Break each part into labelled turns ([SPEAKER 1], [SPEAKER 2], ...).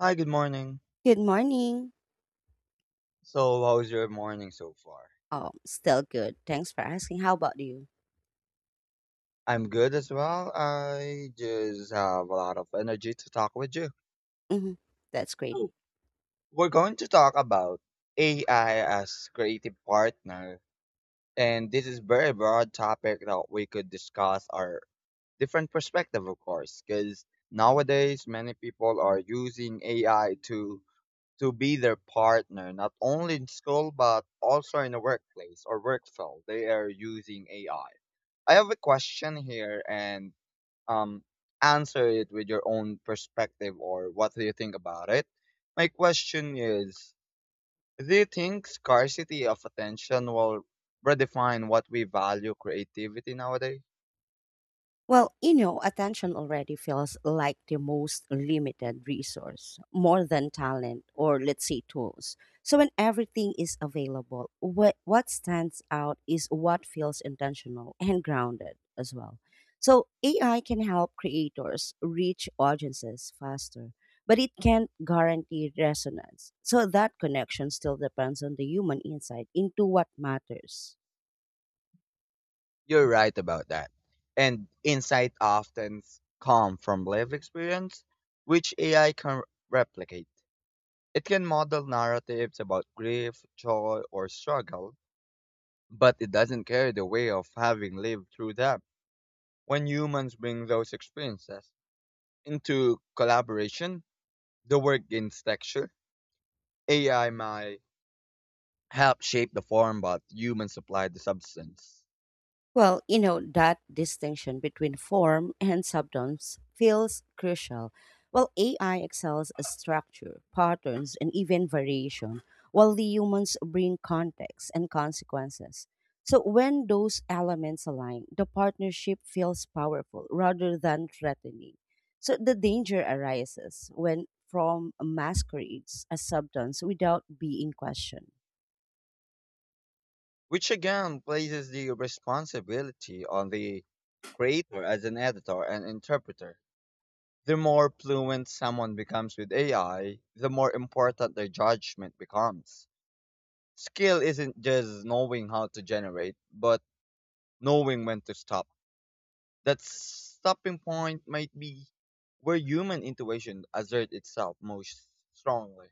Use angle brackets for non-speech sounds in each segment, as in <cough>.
[SPEAKER 1] Hi, good morning.
[SPEAKER 2] Good morning.
[SPEAKER 1] So, how's your morning so far?
[SPEAKER 2] Still good. Thanks for asking. How about you?
[SPEAKER 1] I'm good as well. I just have a lot of energy to talk with you.
[SPEAKER 2] hmm That's great.
[SPEAKER 1] Oh, we're going to talk about AI as creative partner, and this is very broad topic that we could discuss our different perspective, of course, because nowadays many people are using AI to be their partner, not only in school but also in the workplace or work field. They are using AI. I have a question here and um answer it with your own perspective or what do you think about it? My question is, do you think scarcity of attention will redefine what we value creativity nowadays?
[SPEAKER 2] Attention already feels like the most limited resource, more than talent or let's say tools. So when everything is available, what stands out is what feels intentional and grounded as well. So AI can help creators reach audiences faster, but it can't guarantee resonance. So that connection still depends on the human insight into what matters.
[SPEAKER 1] You're right about that. And insight often come from lived experience, which AI can replicate. It can model narratives about grief, joy, or struggle, but it doesn't carry the way of having lived through them. When humans bring those experiences into collaboration, the work gains texture. AI might help shape the form, but humans supply the substance,
[SPEAKER 2] That distinction between form and substance feels crucial. While AI excels at structure, patterns, and even variation, while the humans bring context and consequences. So when those elements align, the partnership feels powerful rather than threatening. So the danger arises when form masquerades as substance without being questioned.
[SPEAKER 1] which again places the responsibility on the creator as an editor and interpreter. The more fluent someone becomes with AI, the more important their judgment becomes. Skill isn't just knowing how to generate, but knowing when to stop. That stopping point might be where human intuition asserts itself most strongly.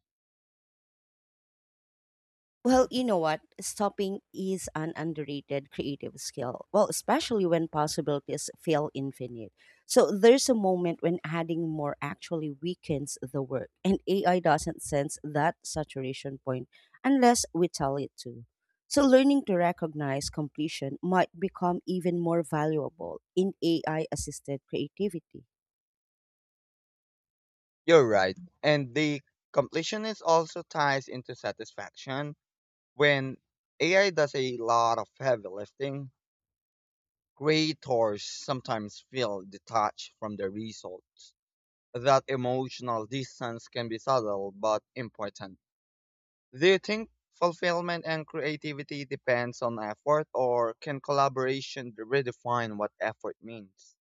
[SPEAKER 2] Well, you know what? Stopping is an underrated creative skill. Well, especially when possibilities feel infinite. So there's a moment when adding more actually weakens the work, and AI doesn't sense that saturation point unless we tell it to. So learning to recognize completion might become even more valuable in AI assisted creativity.
[SPEAKER 1] You're right. And the completionist also ties into satisfaction. When AI does a lot of heavy lifting, creators sometimes feel detached from the results. That emotional distance can be subtle but important. Do you think fulfillment and creativity depends on effort or can collaboration redefine what effort means?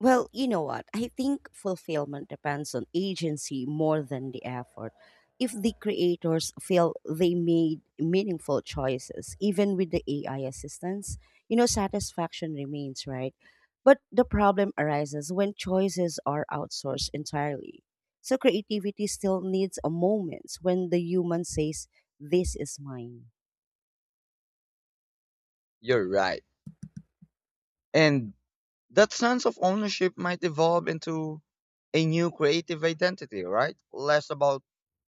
[SPEAKER 2] Well, you know what? I think fulfillment depends on agency more than the effort. If the creators feel they made meaningful choices, even with the AI assistance, satisfaction remains, right? But the problem arises when choices are outsourced entirely. So creativity still needs a moment when the human says, "This is mine."
[SPEAKER 1] You're right. And that sense of ownership might evolve into a new creative identity, right? Less about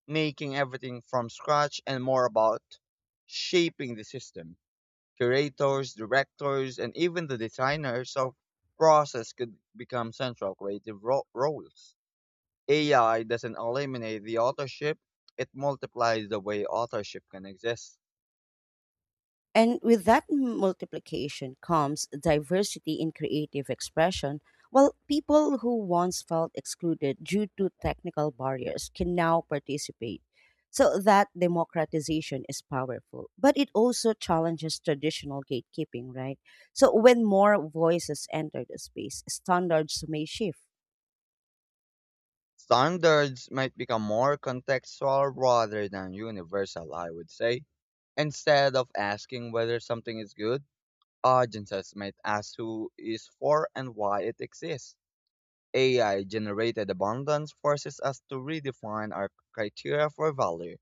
[SPEAKER 1] making everything from scratch and more about shaping the system. Curators, directors, and even the designers of process could become central creative roles. AI doesn't eliminate the authorship, it multiplies the way authorship can exist.
[SPEAKER 2] And with that multiplication comes diversity in creative expression. While people who once felt excluded due to technical barriers can now participate. So that democratization is powerful, but it also challenges traditional gatekeeping, right? So when more voices enter the space, standards may shift.
[SPEAKER 1] Standards might become more contextual rather than universal, I would say. Instead of asking whether something is good, audiences might ask who is for and why it exists. AI generated abundance forces us to redefine our criteria for value.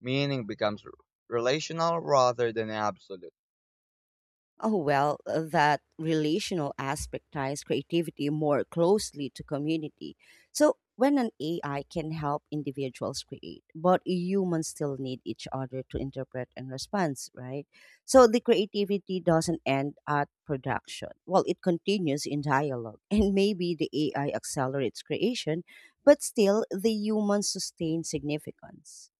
[SPEAKER 1] Meaning becomes relational rather than absolute.
[SPEAKER 2] That relational aspect ties creativity more closely to community. So, when an AI can help individuals create, but humans still need each other to interpret and respond, right? So, the creativity doesn't end at production. Well, it continues in dialogue, <laughs> and maybe the AI accelerates creation, but still the humans sustain significance.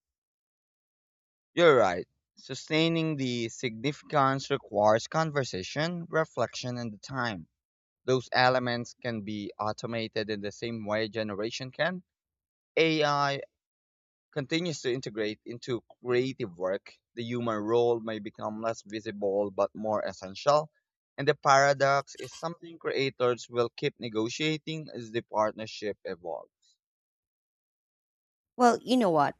[SPEAKER 1] You're right. Sustaining the significance requires conversation, reflection, and the time. Those elements can be automated in the same way generation can. AI continues to integrate into creative work. The human role may become less visible but more essential. And the paradox is something creators will keep negotiating as the partnership evolves.
[SPEAKER 2] Well, you know what?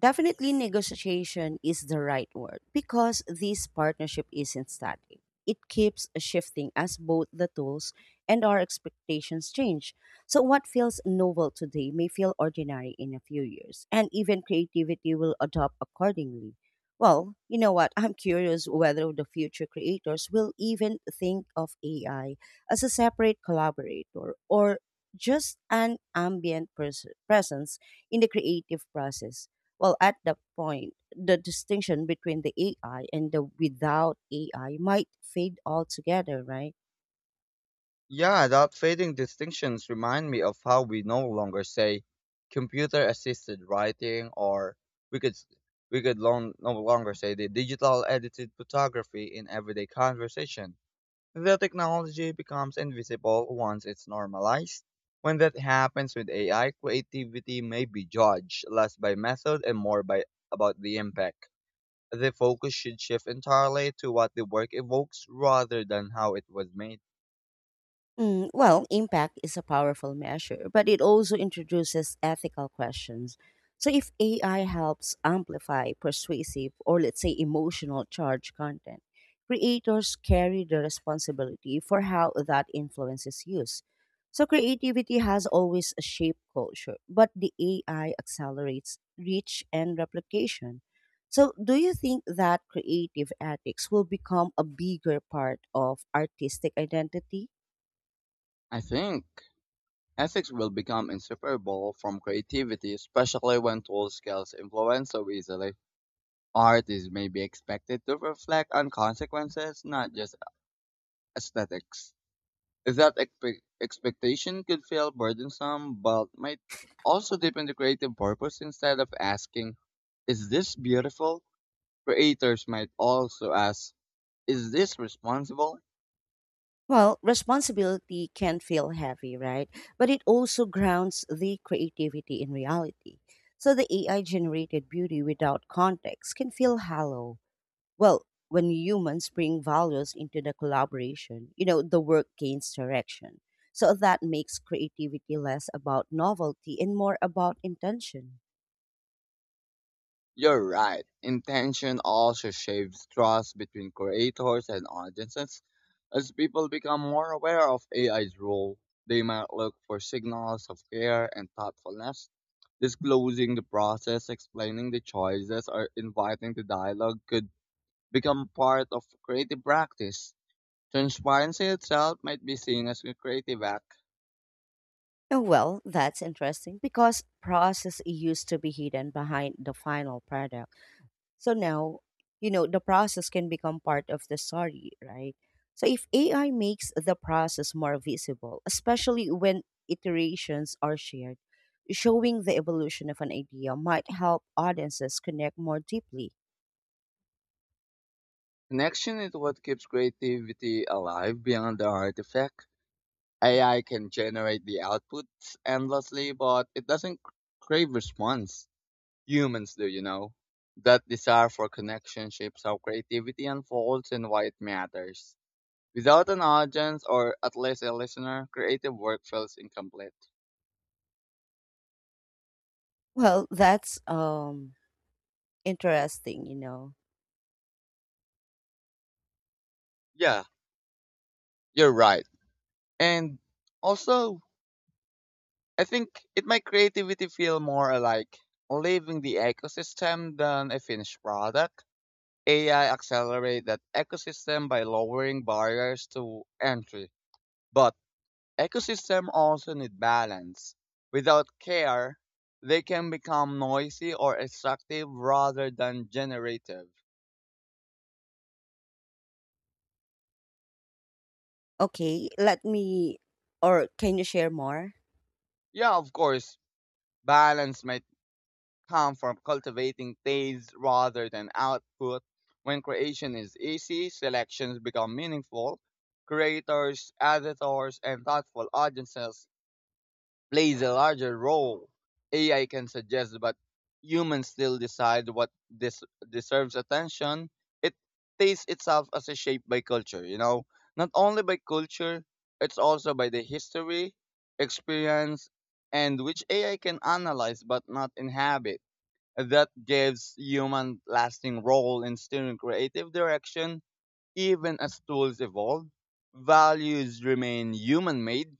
[SPEAKER 2] Definitely, negotiation is the right word because this partnership isn't static. It keeps shifting as both the tools and our expectations change. So, what feels novel today may feel ordinary in a few years, and even creativity will adapt accordingly. Well, you know what? I'm curious whether the future creators will even think of AI as a separate collaborator or just an ambient presence in the creative process. Well, at that point, the distinction between the AI and the without AI might fade altogether, right?
[SPEAKER 1] Yeah, that fading distinctions remind me of how we no longer say computer assisted writing or we could s- we could no longer say the digital edited photography in everyday conversation. The technology becomes invisible once it's normalized. When that happens with AI, creativity may be judged less by method and more by about the impact. The focus should shift entirely to what the work evokes rather than how it was made.
[SPEAKER 2] Impact is a powerful measure, but it also introduces ethical questions. So, if AI helps amplify persuasive or, let's say, emotional charge content, creators carry the responsibility for how that influence is used. So, creativity has always shaped culture, but the AI accelerates reach and replication. So, do you think that creative ethics will become a bigger part of artistic identity?
[SPEAKER 1] I think. Ethics will become inseparable from creativity, especially when tool skills influence so easily. Artists may be expected to reflect on consequences, not just aesthetics. That expectation could feel burdensome, but might also deepen the creative purpose instead of asking, Is this beautiful? Creators might also ask, Is this responsible?
[SPEAKER 2] Well, responsibility can feel heavy, right? But it also grounds the creativity in reality. So the AI generated beauty without context can feel hollow. Well, when humans bring values into the collaboration, the work gains direction. So that makes creativity less about novelty and more about intention.
[SPEAKER 1] You're right. Intention also shapes trust between creators and audiences. As people become more aware of AI's role, they might look for signals of care and thoughtfulness. Disclosing the process, explaining the choices, or inviting the dialogue could become part of creative practice. Transparency itself might be seen as a creative act.
[SPEAKER 2] That's interesting because process used to be hidden behind the final product. So now, the process can become part of the story, right? So if AI makes the process more visible, especially when iterations are shared, showing the evolution of an idea might help audiences connect more deeply. <laughs>
[SPEAKER 1] Connection is what keeps creativity alive beyond the artifact. AI can generate the outputs endlessly, but it doesn't crave response. Humans do. That desire for connection shapes how creativity unfolds and why it matters. Without an audience or at least a listener, creative work feels incomplete.
[SPEAKER 2] Well, that's Interesting,
[SPEAKER 1] Yeah, you're right. And also, I think it might creativity feel more like leaving the ecosystem than a finished product. AI accelerate that ecosystem by lowering barriers to entry. But ecosystems also need balance. Without care, they can become noisy or extractive rather than generative.
[SPEAKER 2] Okay, let me, or can you share more?
[SPEAKER 1] Yeah, of course, balance might come from cultivating taste rather than output. When creation is easy, selections become meaningful. Creators, editors, and thoughtful audiences plays a larger role. AI can suggest, but humans still decide what this deserves attention. It sees itself as a shape by culture, you know, not only by culture, it's also by the history, experience, and which AI can analyze but not inhabit. That gives human lasting role in steering creative direction, even as tools evolve. Values remain human made.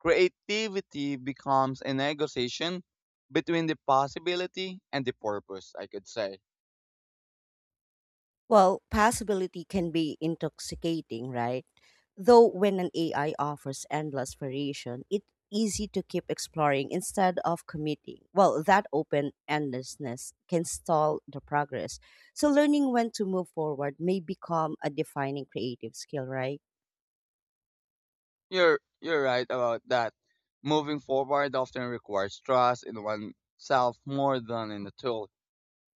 [SPEAKER 1] Creativity becomes a negotiation between the possibility and the purpose, I could say.
[SPEAKER 2] Well, possibility can be intoxicating, right? Though when an AI offers endless variation, it's easy to keep exploring instead of committing. Well, that open endlessness can stall the progress. So learning when to move forward may become a defining creative skill, right?
[SPEAKER 1] You're right about that. Moving forward often requires trust in oneself more than in the tool.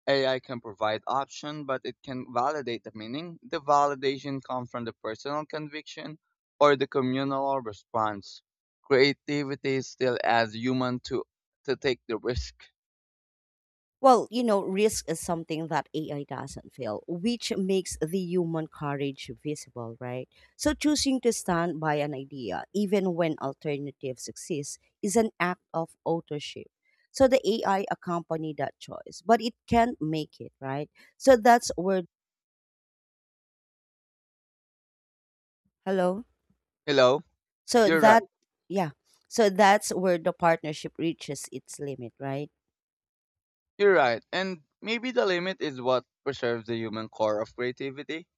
[SPEAKER 1] AI can provide option, but it can validate the meaning. The validation comes from the personal conviction or the communal response. Creativity still adds human to take the risk.
[SPEAKER 2] Risk is something that AI doesn't feel, which makes the human courage visible, right? So choosing to stand by an idea, even when alternatives exist, is an act of authorship. So the AI accompany that choice, but it can't make it, right? So that's where, hello.
[SPEAKER 1] Hello?
[SPEAKER 2] So
[SPEAKER 1] You're right.
[SPEAKER 2] that, yeah. So that's where the partnership reaches its limit, right?
[SPEAKER 1] You're right, and maybe the limit is what preserves the human core of creativity.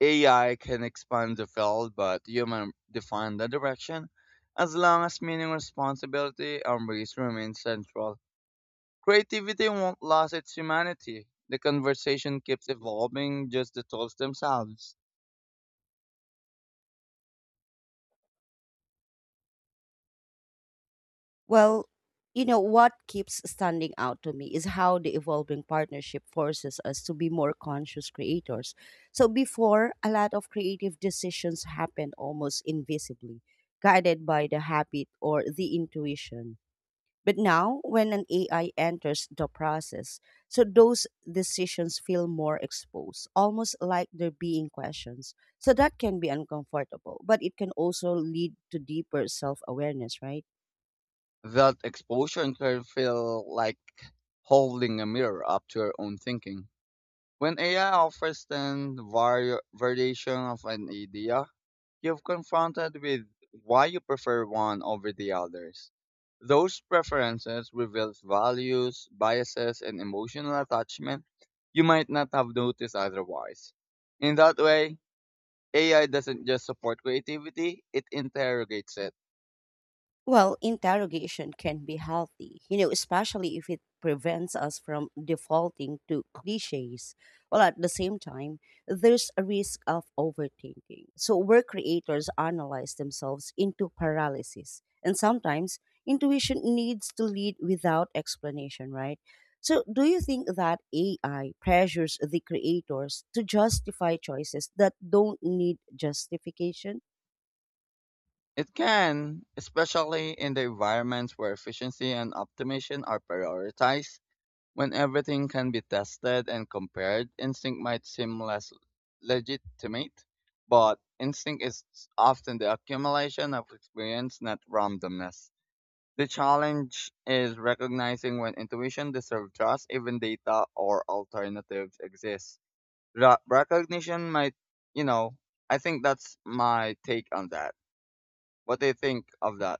[SPEAKER 1] AI can expand the field, but human define the direction. As long as meaning, responsibility, and risk remain central, creativity won't lose its humanity. The conversation keeps evolving, just the tools themselves.
[SPEAKER 2] Well, what keeps standing out to me is how the evolving partnership forces us to be more conscious creators. So, before, a lot of creative decisions happened almost invisibly, guided by the habit or the intuition. But now, when an AI enters the process, so those decisions feel more exposed, almost like they're being questions. So that can be uncomfortable, but it can also lead to deeper self awareness, right?
[SPEAKER 1] That exposure can feel like holding a mirror up to your own thinking. When AI offers then variation of an idea, you've confronted with why you prefer one over the others. Those preferences reveal values, biases, and emotional attachment you might not have noticed otherwise. In that way, AI doesn't just support creativity, it interrogates it.
[SPEAKER 2] Well, interrogation can be healthy, especially if it prevents us from defaulting to cliches. Well, at the same time, there's a risk of overthinking. So, where creators analyze themselves into paralysis, and sometimes intuition needs to lead without explanation, right? So, do you think that AI pressures the creators to justify choices that don't need justification?
[SPEAKER 1] It can, especially in the environments where efficiency and optimization are prioritized, when everything can be tested and compared, instinct might seem less legitimate, but instinct is often the accumulation of experience, not randomness. The challenge is recognizing when intuition deserves trust, even data or alternatives exist. Recognition might, you know, I think that's my take on that. What do you think of that?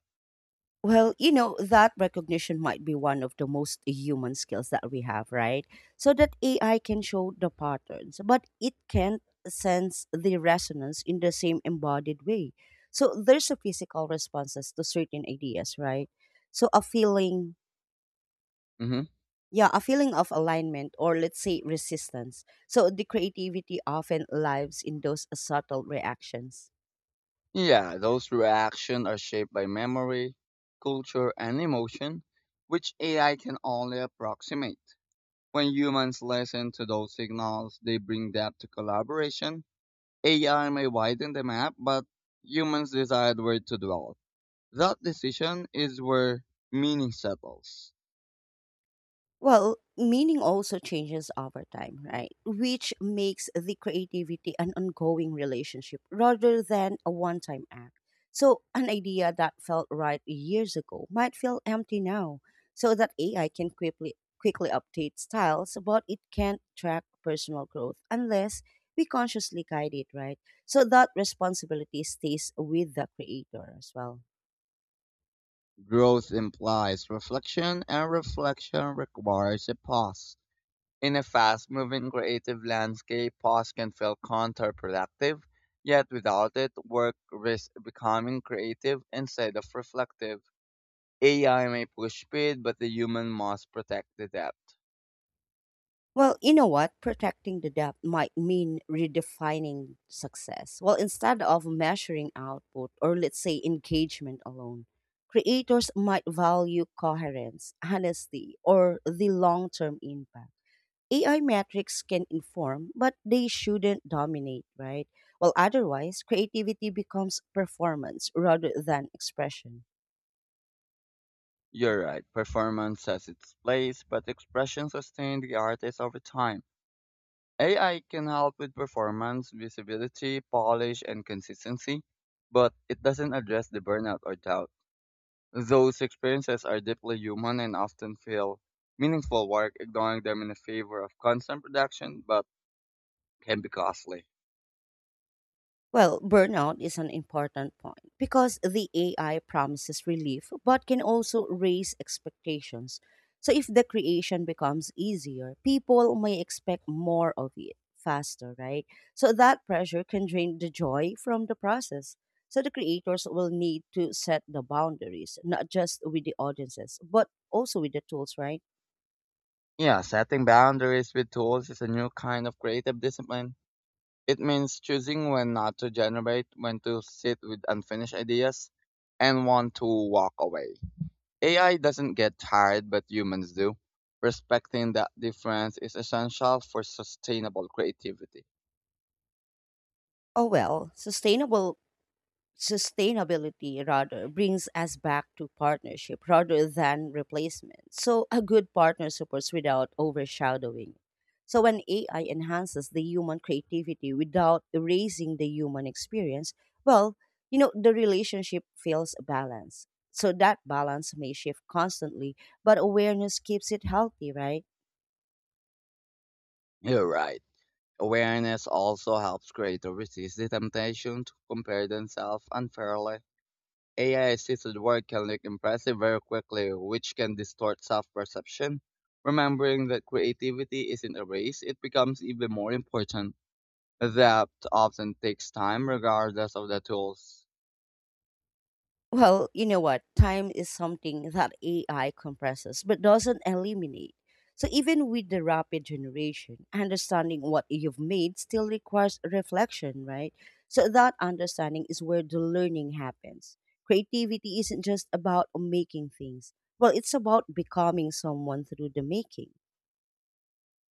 [SPEAKER 2] That recognition might be one of the most human skills that we have, right? So that AI can show the patterns, but it can't sense the resonance in the same embodied way. So there's a physical responses to certain ideas, right? So a feeling,
[SPEAKER 1] Hmm.
[SPEAKER 2] yeah, a feeling of alignment or let's say resistance, so the creativity often lives in those subtle reactions.
[SPEAKER 1] Yeah, those reactions are shaped by memory, culture, and emotion, which AI can only approximate. When humans listen to those signals, they bring depth to collaboration. AI may widen the map, but humans decide where to dwell. That decision is where meaning settles.
[SPEAKER 2] Well, meaning also changes over time, right? Which makes the creativity an ongoing relationship rather than a one time act. So, an idea that felt right years ago might feel empty now, so that AI can quickly update styles, but it can't track personal growth unless we consciously guide it, right? So, that responsibility stays with the creator as well.
[SPEAKER 1] Growth implies reflection, and reflection requires a pause. In a fast-moving creative landscape, pause can feel counterproductive, yet without it, work risks becoming creative instead of reflective. AI may push speed, but the human must protect the depth.
[SPEAKER 2] Well, you know what? Protecting the debt might mean redefining success. Well, instead of measuring output or let's say engagement alone, creators might value coherence, honesty, or the long term impact. AI metrics can inform, but they shouldn't dominate, right? Well, otherwise, creativity becomes performance rather than expression.
[SPEAKER 1] You're right, performance has its place, but expression sustains the artist over time. AI can help with performance, visibility, polish, and consistency, but it doesn't address the burnout or doubt. Those experiences are deeply human and often feel meaningful work ignoring them in the favor of constant production, but can be costly.
[SPEAKER 2] Well, burnout is an important point because the AI promises relief but can also raise expectations. So, if the creation becomes easier, people may expect more of it faster, right? So, that pressure can drain the joy from the process. So, the creators will need to set the boundaries, not just with the audiences, but also with the tools, right?
[SPEAKER 1] Yeah, setting boundaries with tools is a new kind of creative discipline. It means choosing when not to generate, when to sit with unfinished ideas, and when to walk away. AI doesn't get tired, but humans do. Respecting that difference is essential for sustainable creativity.
[SPEAKER 2] Oh, well, sustainable Sustainability rather brings us back to partnership rather than replacement. So a good partner supports without overshadowing. So when AI enhances the human creativity without erasing the human experience, well, the relationship feels balanced. So that balance may shift constantly, but awareness keeps it healthy, right?
[SPEAKER 1] You're right. Awareness also helps creators resist the temptation to compare themselves unfairly. AI assisted work can look impressive very quickly, which can distort self perception. Remembering that creativity isn't a race, it becomes even more important. That often takes time, regardless of the tools.
[SPEAKER 2] Well, you know what? Time is something that AI compresses but doesn't eliminate. So even with the rapid generation, understanding what you've made still requires reflection, right? So that understanding is where the learning happens. Creativity isn't just about making things. Well, it's about becoming someone through the making.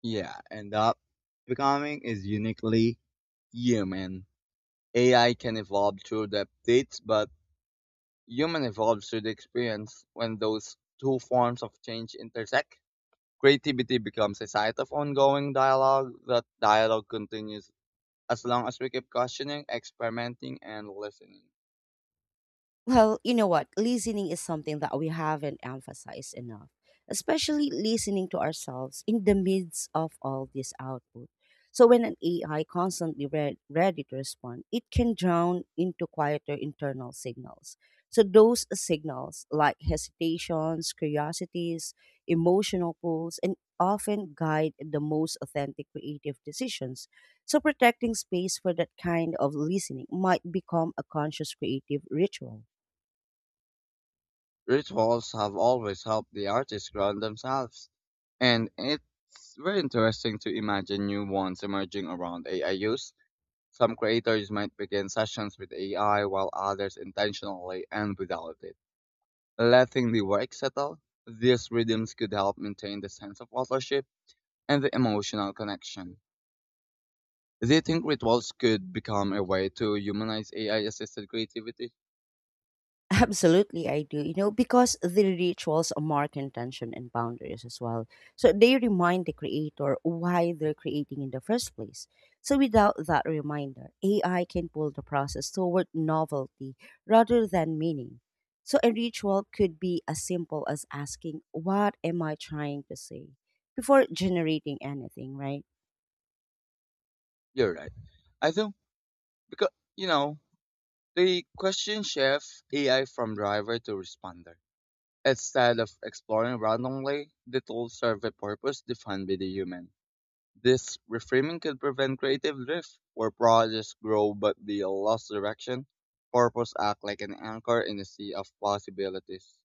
[SPEAKER 1] Yeah, and that becoming is uniquely human. AI can evolve through the updates, but human evolves through the experience when those two forms of change intersect. Creativity becomes a site of ongoing dialogue. That dialogue continues as long as we keep questioning, experimenting, and listening.
[SPEAKER 2] Well, you know what? Listening is something that we haven't emphasized enough, especially listening to ourselves in the midst of all this output. So, when an AI constantly read, ready to respond, it can drown into quieter internal signals. So, those signals like hesitations, curiosities, emotional pulls, and often guide the most authentic creative decisions. So, protecting space for that kind of listening might become a conscious creative ritual.
[SPEAKER 1] Rituals have always helped the artists ground themselves, and it's very interesting to imagine new ones emerging around AI use. Some creators might begin sessions with AI while others intentionally and without it. Letting the work settle, these rhythms could help maintain the sense of authorship and the emotional connection. Do you think rituals could become a way to humanize AI assisted creativity?
[SPEAKER 2] Absolutely, I do. Because the rituals mark intention and boundaries as well. So they remind the creator why they're creating in the first place. So without that reminder, AI can pull the process toward novelty rather than meaning. So a ritual could be as simple as asking, "What am I trying to say?" before generating anything, right?
[SPEAKER 1] You're right. I think because, you know, the question shifts AI from driver to responder. Instead of exploring randomly, the tools serve a purpose defined by the human. This reframing could prevent creative drift, where projects grow but they lost direction. Purpose acts like an anchor in a sea of possibilities.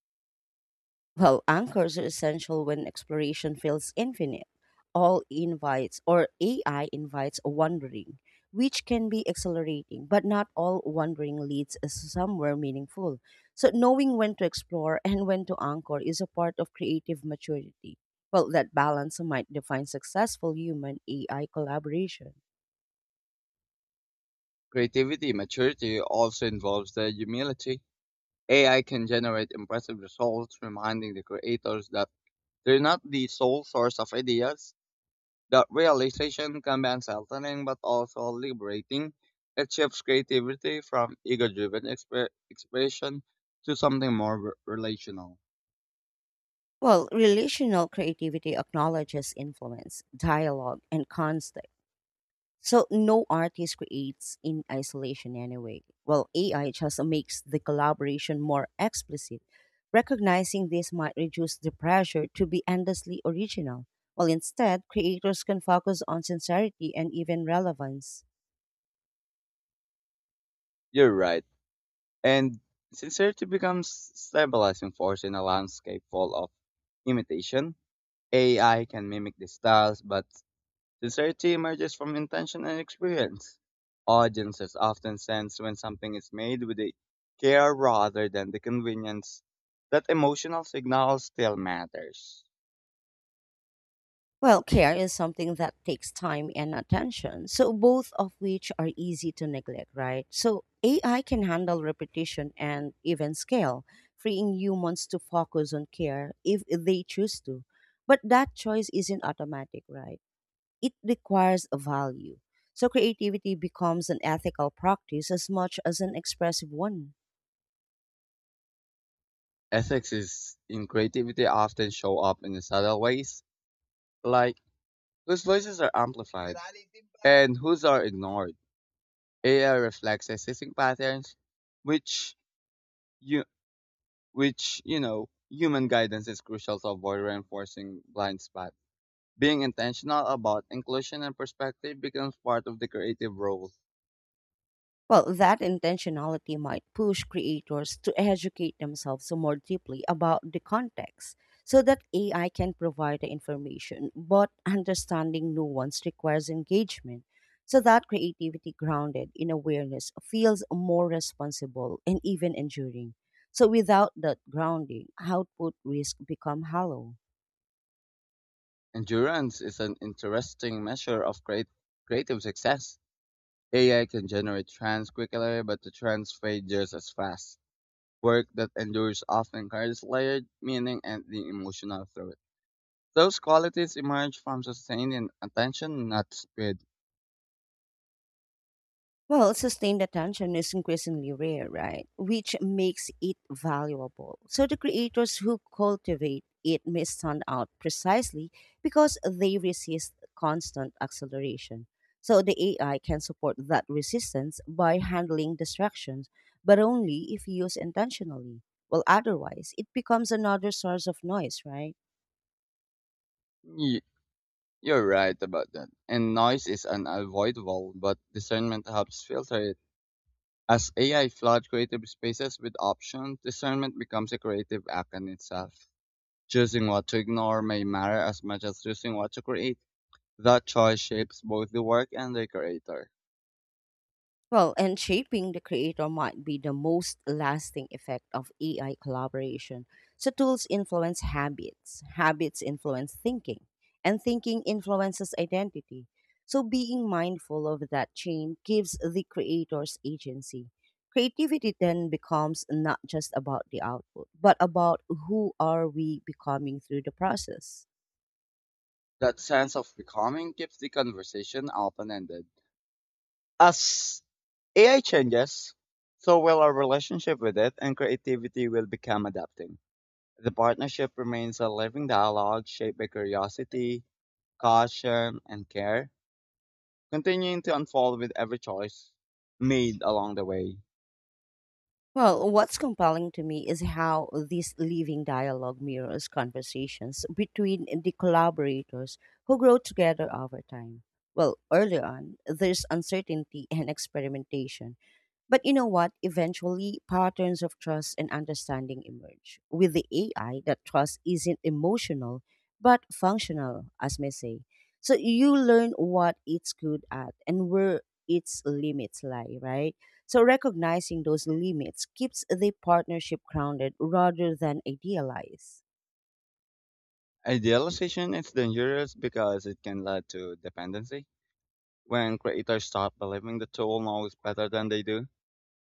[SPEAKER 2] Well, anchors are essential when exploration feels infinite. All invites or AI invites wandering, which can be exhilarating, but not all wandering leads us somewhere meaningful. So, knowing when to explore and when to anchor is a part of creative maturity. Well, that balance might define successful human AI collaboration.
[SPEAKER 1] Creativity maturity also involves the humility. AI can generate impressive results, reminding the creators that they're not the sole source of ideas. That realization can be unsettling but also liberating. It shifts creativity from ego-driven expression to something more relational.
[SPEAKER 2] Well, relational creativity acknowledges influence, dialogue, and context. So no artist creates in isolation anyway. Well, AI just makes the collaboration more explicit. Recognizing this might reduce the pressure to be endlessly original, while instead creators can focus on sincerity and even relevance.
[SPEAKER 1] You're right. And sincerity becomes stabilizing force in a landscape full of imitation. AI can mimic the styles, but sincerity emerges from intention and experience. Audiences often sense when something is made with the care rather than the convenience that emotional signal still matters.
[SPEAKER 2] Well, care is something that takes time and attention, so both of which are easy to neglect, right? So AI can handle repetition and even scale, freeing humans to focus on care if they choose to. But that choice isn't automatic, right? It requires a value. So creativity becomes an ethical practice as much as an expressive one.
[SPEAKER 1] Ethics is in creativity often show up in subtle ways, like whose voices are amplified and whose are ignored. AI reflects existing patterns, which you which you know human guidance is crucial to avoid reinforcing blind spots. Being intentional about inclusion and perspective becomes part of the creative role.
[SPEAKER 2] Well, that intentionality might push creators to educate themselves more deeply about the context so that AI can provide the information, but understanding nuance requires engagement so that creativity grounded in awareness feels more responsible and even enduring. So without that grounding, output risk become hollow.
[SPEAKER 1] Endurance is an interesting measure of creative success. AI can generate trends quickly, but the trends fade just as fast. Work that endures often carries layered meaning and the emotional through it. Those qualities emerge from sustained attention, not speed.
[SPEAKER 2] Well, sustained attention is increasingly rare, right? Which makes it valuable. So the creators who cultivate it may stand out precisely because they resist constant acceleration. So the AI can support that resistance by handling distractions, but only if used intentionally. Well, otherwise, it becomes another source of noise, right?
[SPEAKER 1] Y- You're right about that. And noise is unavoidable, but discernment helps filter it. As AI floods creative spaces with options, discernment becomes a creative act in itself. Choosing what to ignore may matter as much as choosing what to create. That choice shapes both the work and the creator.
[SPEAKER 2] Well, and shaping the creator might be the most lasting effect of AI collaboration. So, tools influence habits, habits influence thinking, and thinking influences identity. So, being mindful of that chain gives the creators agency. Creativity then becomes not just about the output, but about who are we becoming through the process.
[SPEAKER 1] That sense of becoming keeps the conversation open ended. As AI changes, so will our relationship with it, and creativity will become adapting. The partnership remains a living dialogue shaped by curiosity, caution, and care, continuing to unfold with every choice made along the way.
[SPEAKER 2] Well, what's compelling to me is how this living dialogue mirrors conversations between the collaborators who grow together over time. Well, early on, there's uncertainty and experimentation. But you know what? Eventually, patterns of trust and understanding emerge. With the AI, that trust isn't emotional, but functional, as may say. So you learn what it's good at and where its limits lie, right? So recognizing those limits keeps the partnership grounded rather than idealized.
[SPEAKER 1] Idealization is dangerous because it can lead to dependency. When creators stop believing the tool knows better than they do,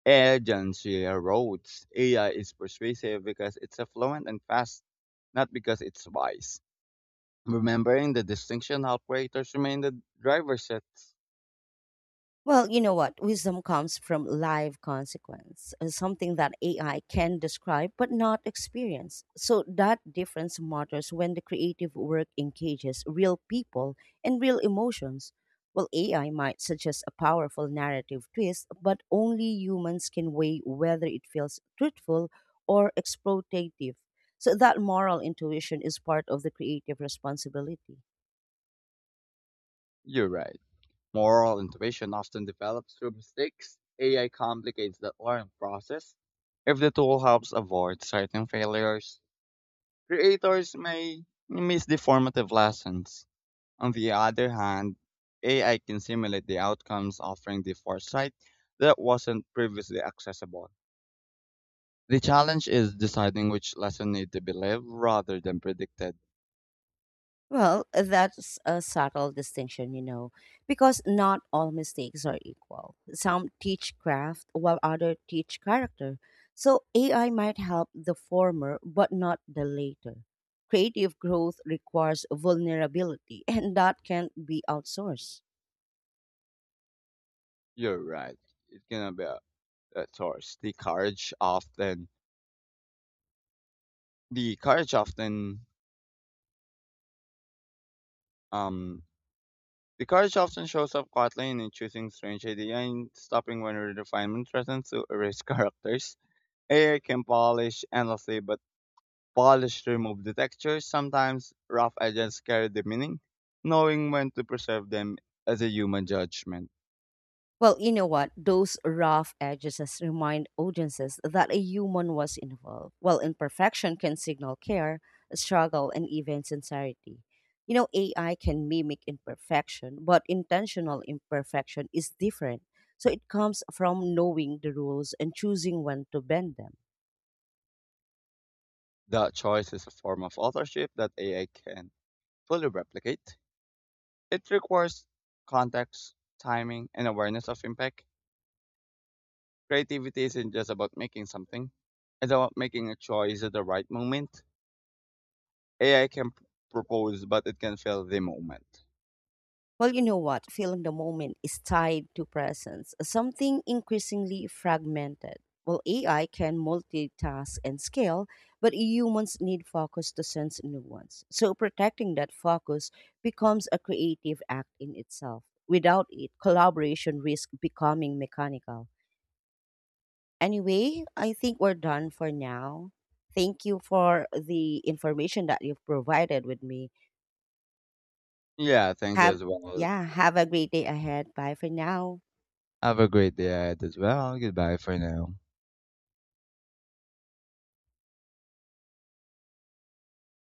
[SPEAKER 1] agency erodes. AI is persuasive because it's affluent and fast, not because it's wise. Remembering the distinction help creators remain the driver's seat.
[SPEAKER 2] Well, you know what? Wisdom comes from live consequence, something that AI can describe but not experience. So that difference matters when the creative work engages real people and real emotions. Well, AI might suggest a powerful narrative twist, but only humans can weigh whether it feels truthful or exploitative. So that moral intuition is part of the creative responsibility.
[SPEAKER 1] You're right. Moral intuition often develops through mistakes. AI complicates the learning process. If the tool helps avoid certain failures, creators may miss the formative lessons. On the other hand, AI can simulate the outcomes, offering the foresight that wasn't previously accessible. The challenge is deciding which lesson need to be lived rather than predicted.
[SPEAKER 2] That's a subtle distinction, because not all mistakes are equal. Some teach craft while others teach character. So AI might help the former, but not the later. Creative growth requires vulnerability, and that can't be outsourced.
[SPEAKER 1] You're right. It's gonna be a, source. The courage often um The courage often shows up quietly in choosing strange ideas and stopping when refinement threatens to erase <laughs> characters. AI can polish endlessly, but polish remove the texture. Sometimes rough edges carry the meaning. Knowing when to preserve them as a human judgment.
[SPEAKER 2] Well, you know what? Those rough edges as remind audiences that a human was involved. While imperfection can signal care, struggle, and even sincerity. AI can mimic imperfection, but intentional imperfection is different. So it comes from knowing the rules and choosing when to bend them.
[SPEAKER 1] That choice is a form of authorship that AI can fully replicate. It requires context, timing, and awareness of impact. Creativity isn't just about making something. It's about making a choice at the right moment. AI can propose, but it can fail the moment.
[SPEAKER 2] Well, you know what? Feeling the moment is tied to presence, something increasingly fragmented. Well, AI can multitask and scale, but humans need focus to sense nuance. So, protecting that focus becomes a creative act in itself. Without it, collaboration risks becoming mechanical. Anyway, I think we're done for now. Thank you for the information that you've provided with me.
[SPEAKER 1] Yeah, thank you
[SPEAKER 2] Have
[SPEAKER 1] as well.
[SPEAKER 2] Yeah, have a great day ahead. Bye for now.
[SPEAKER 1] Have a great day ahead as well. Goodbye for now.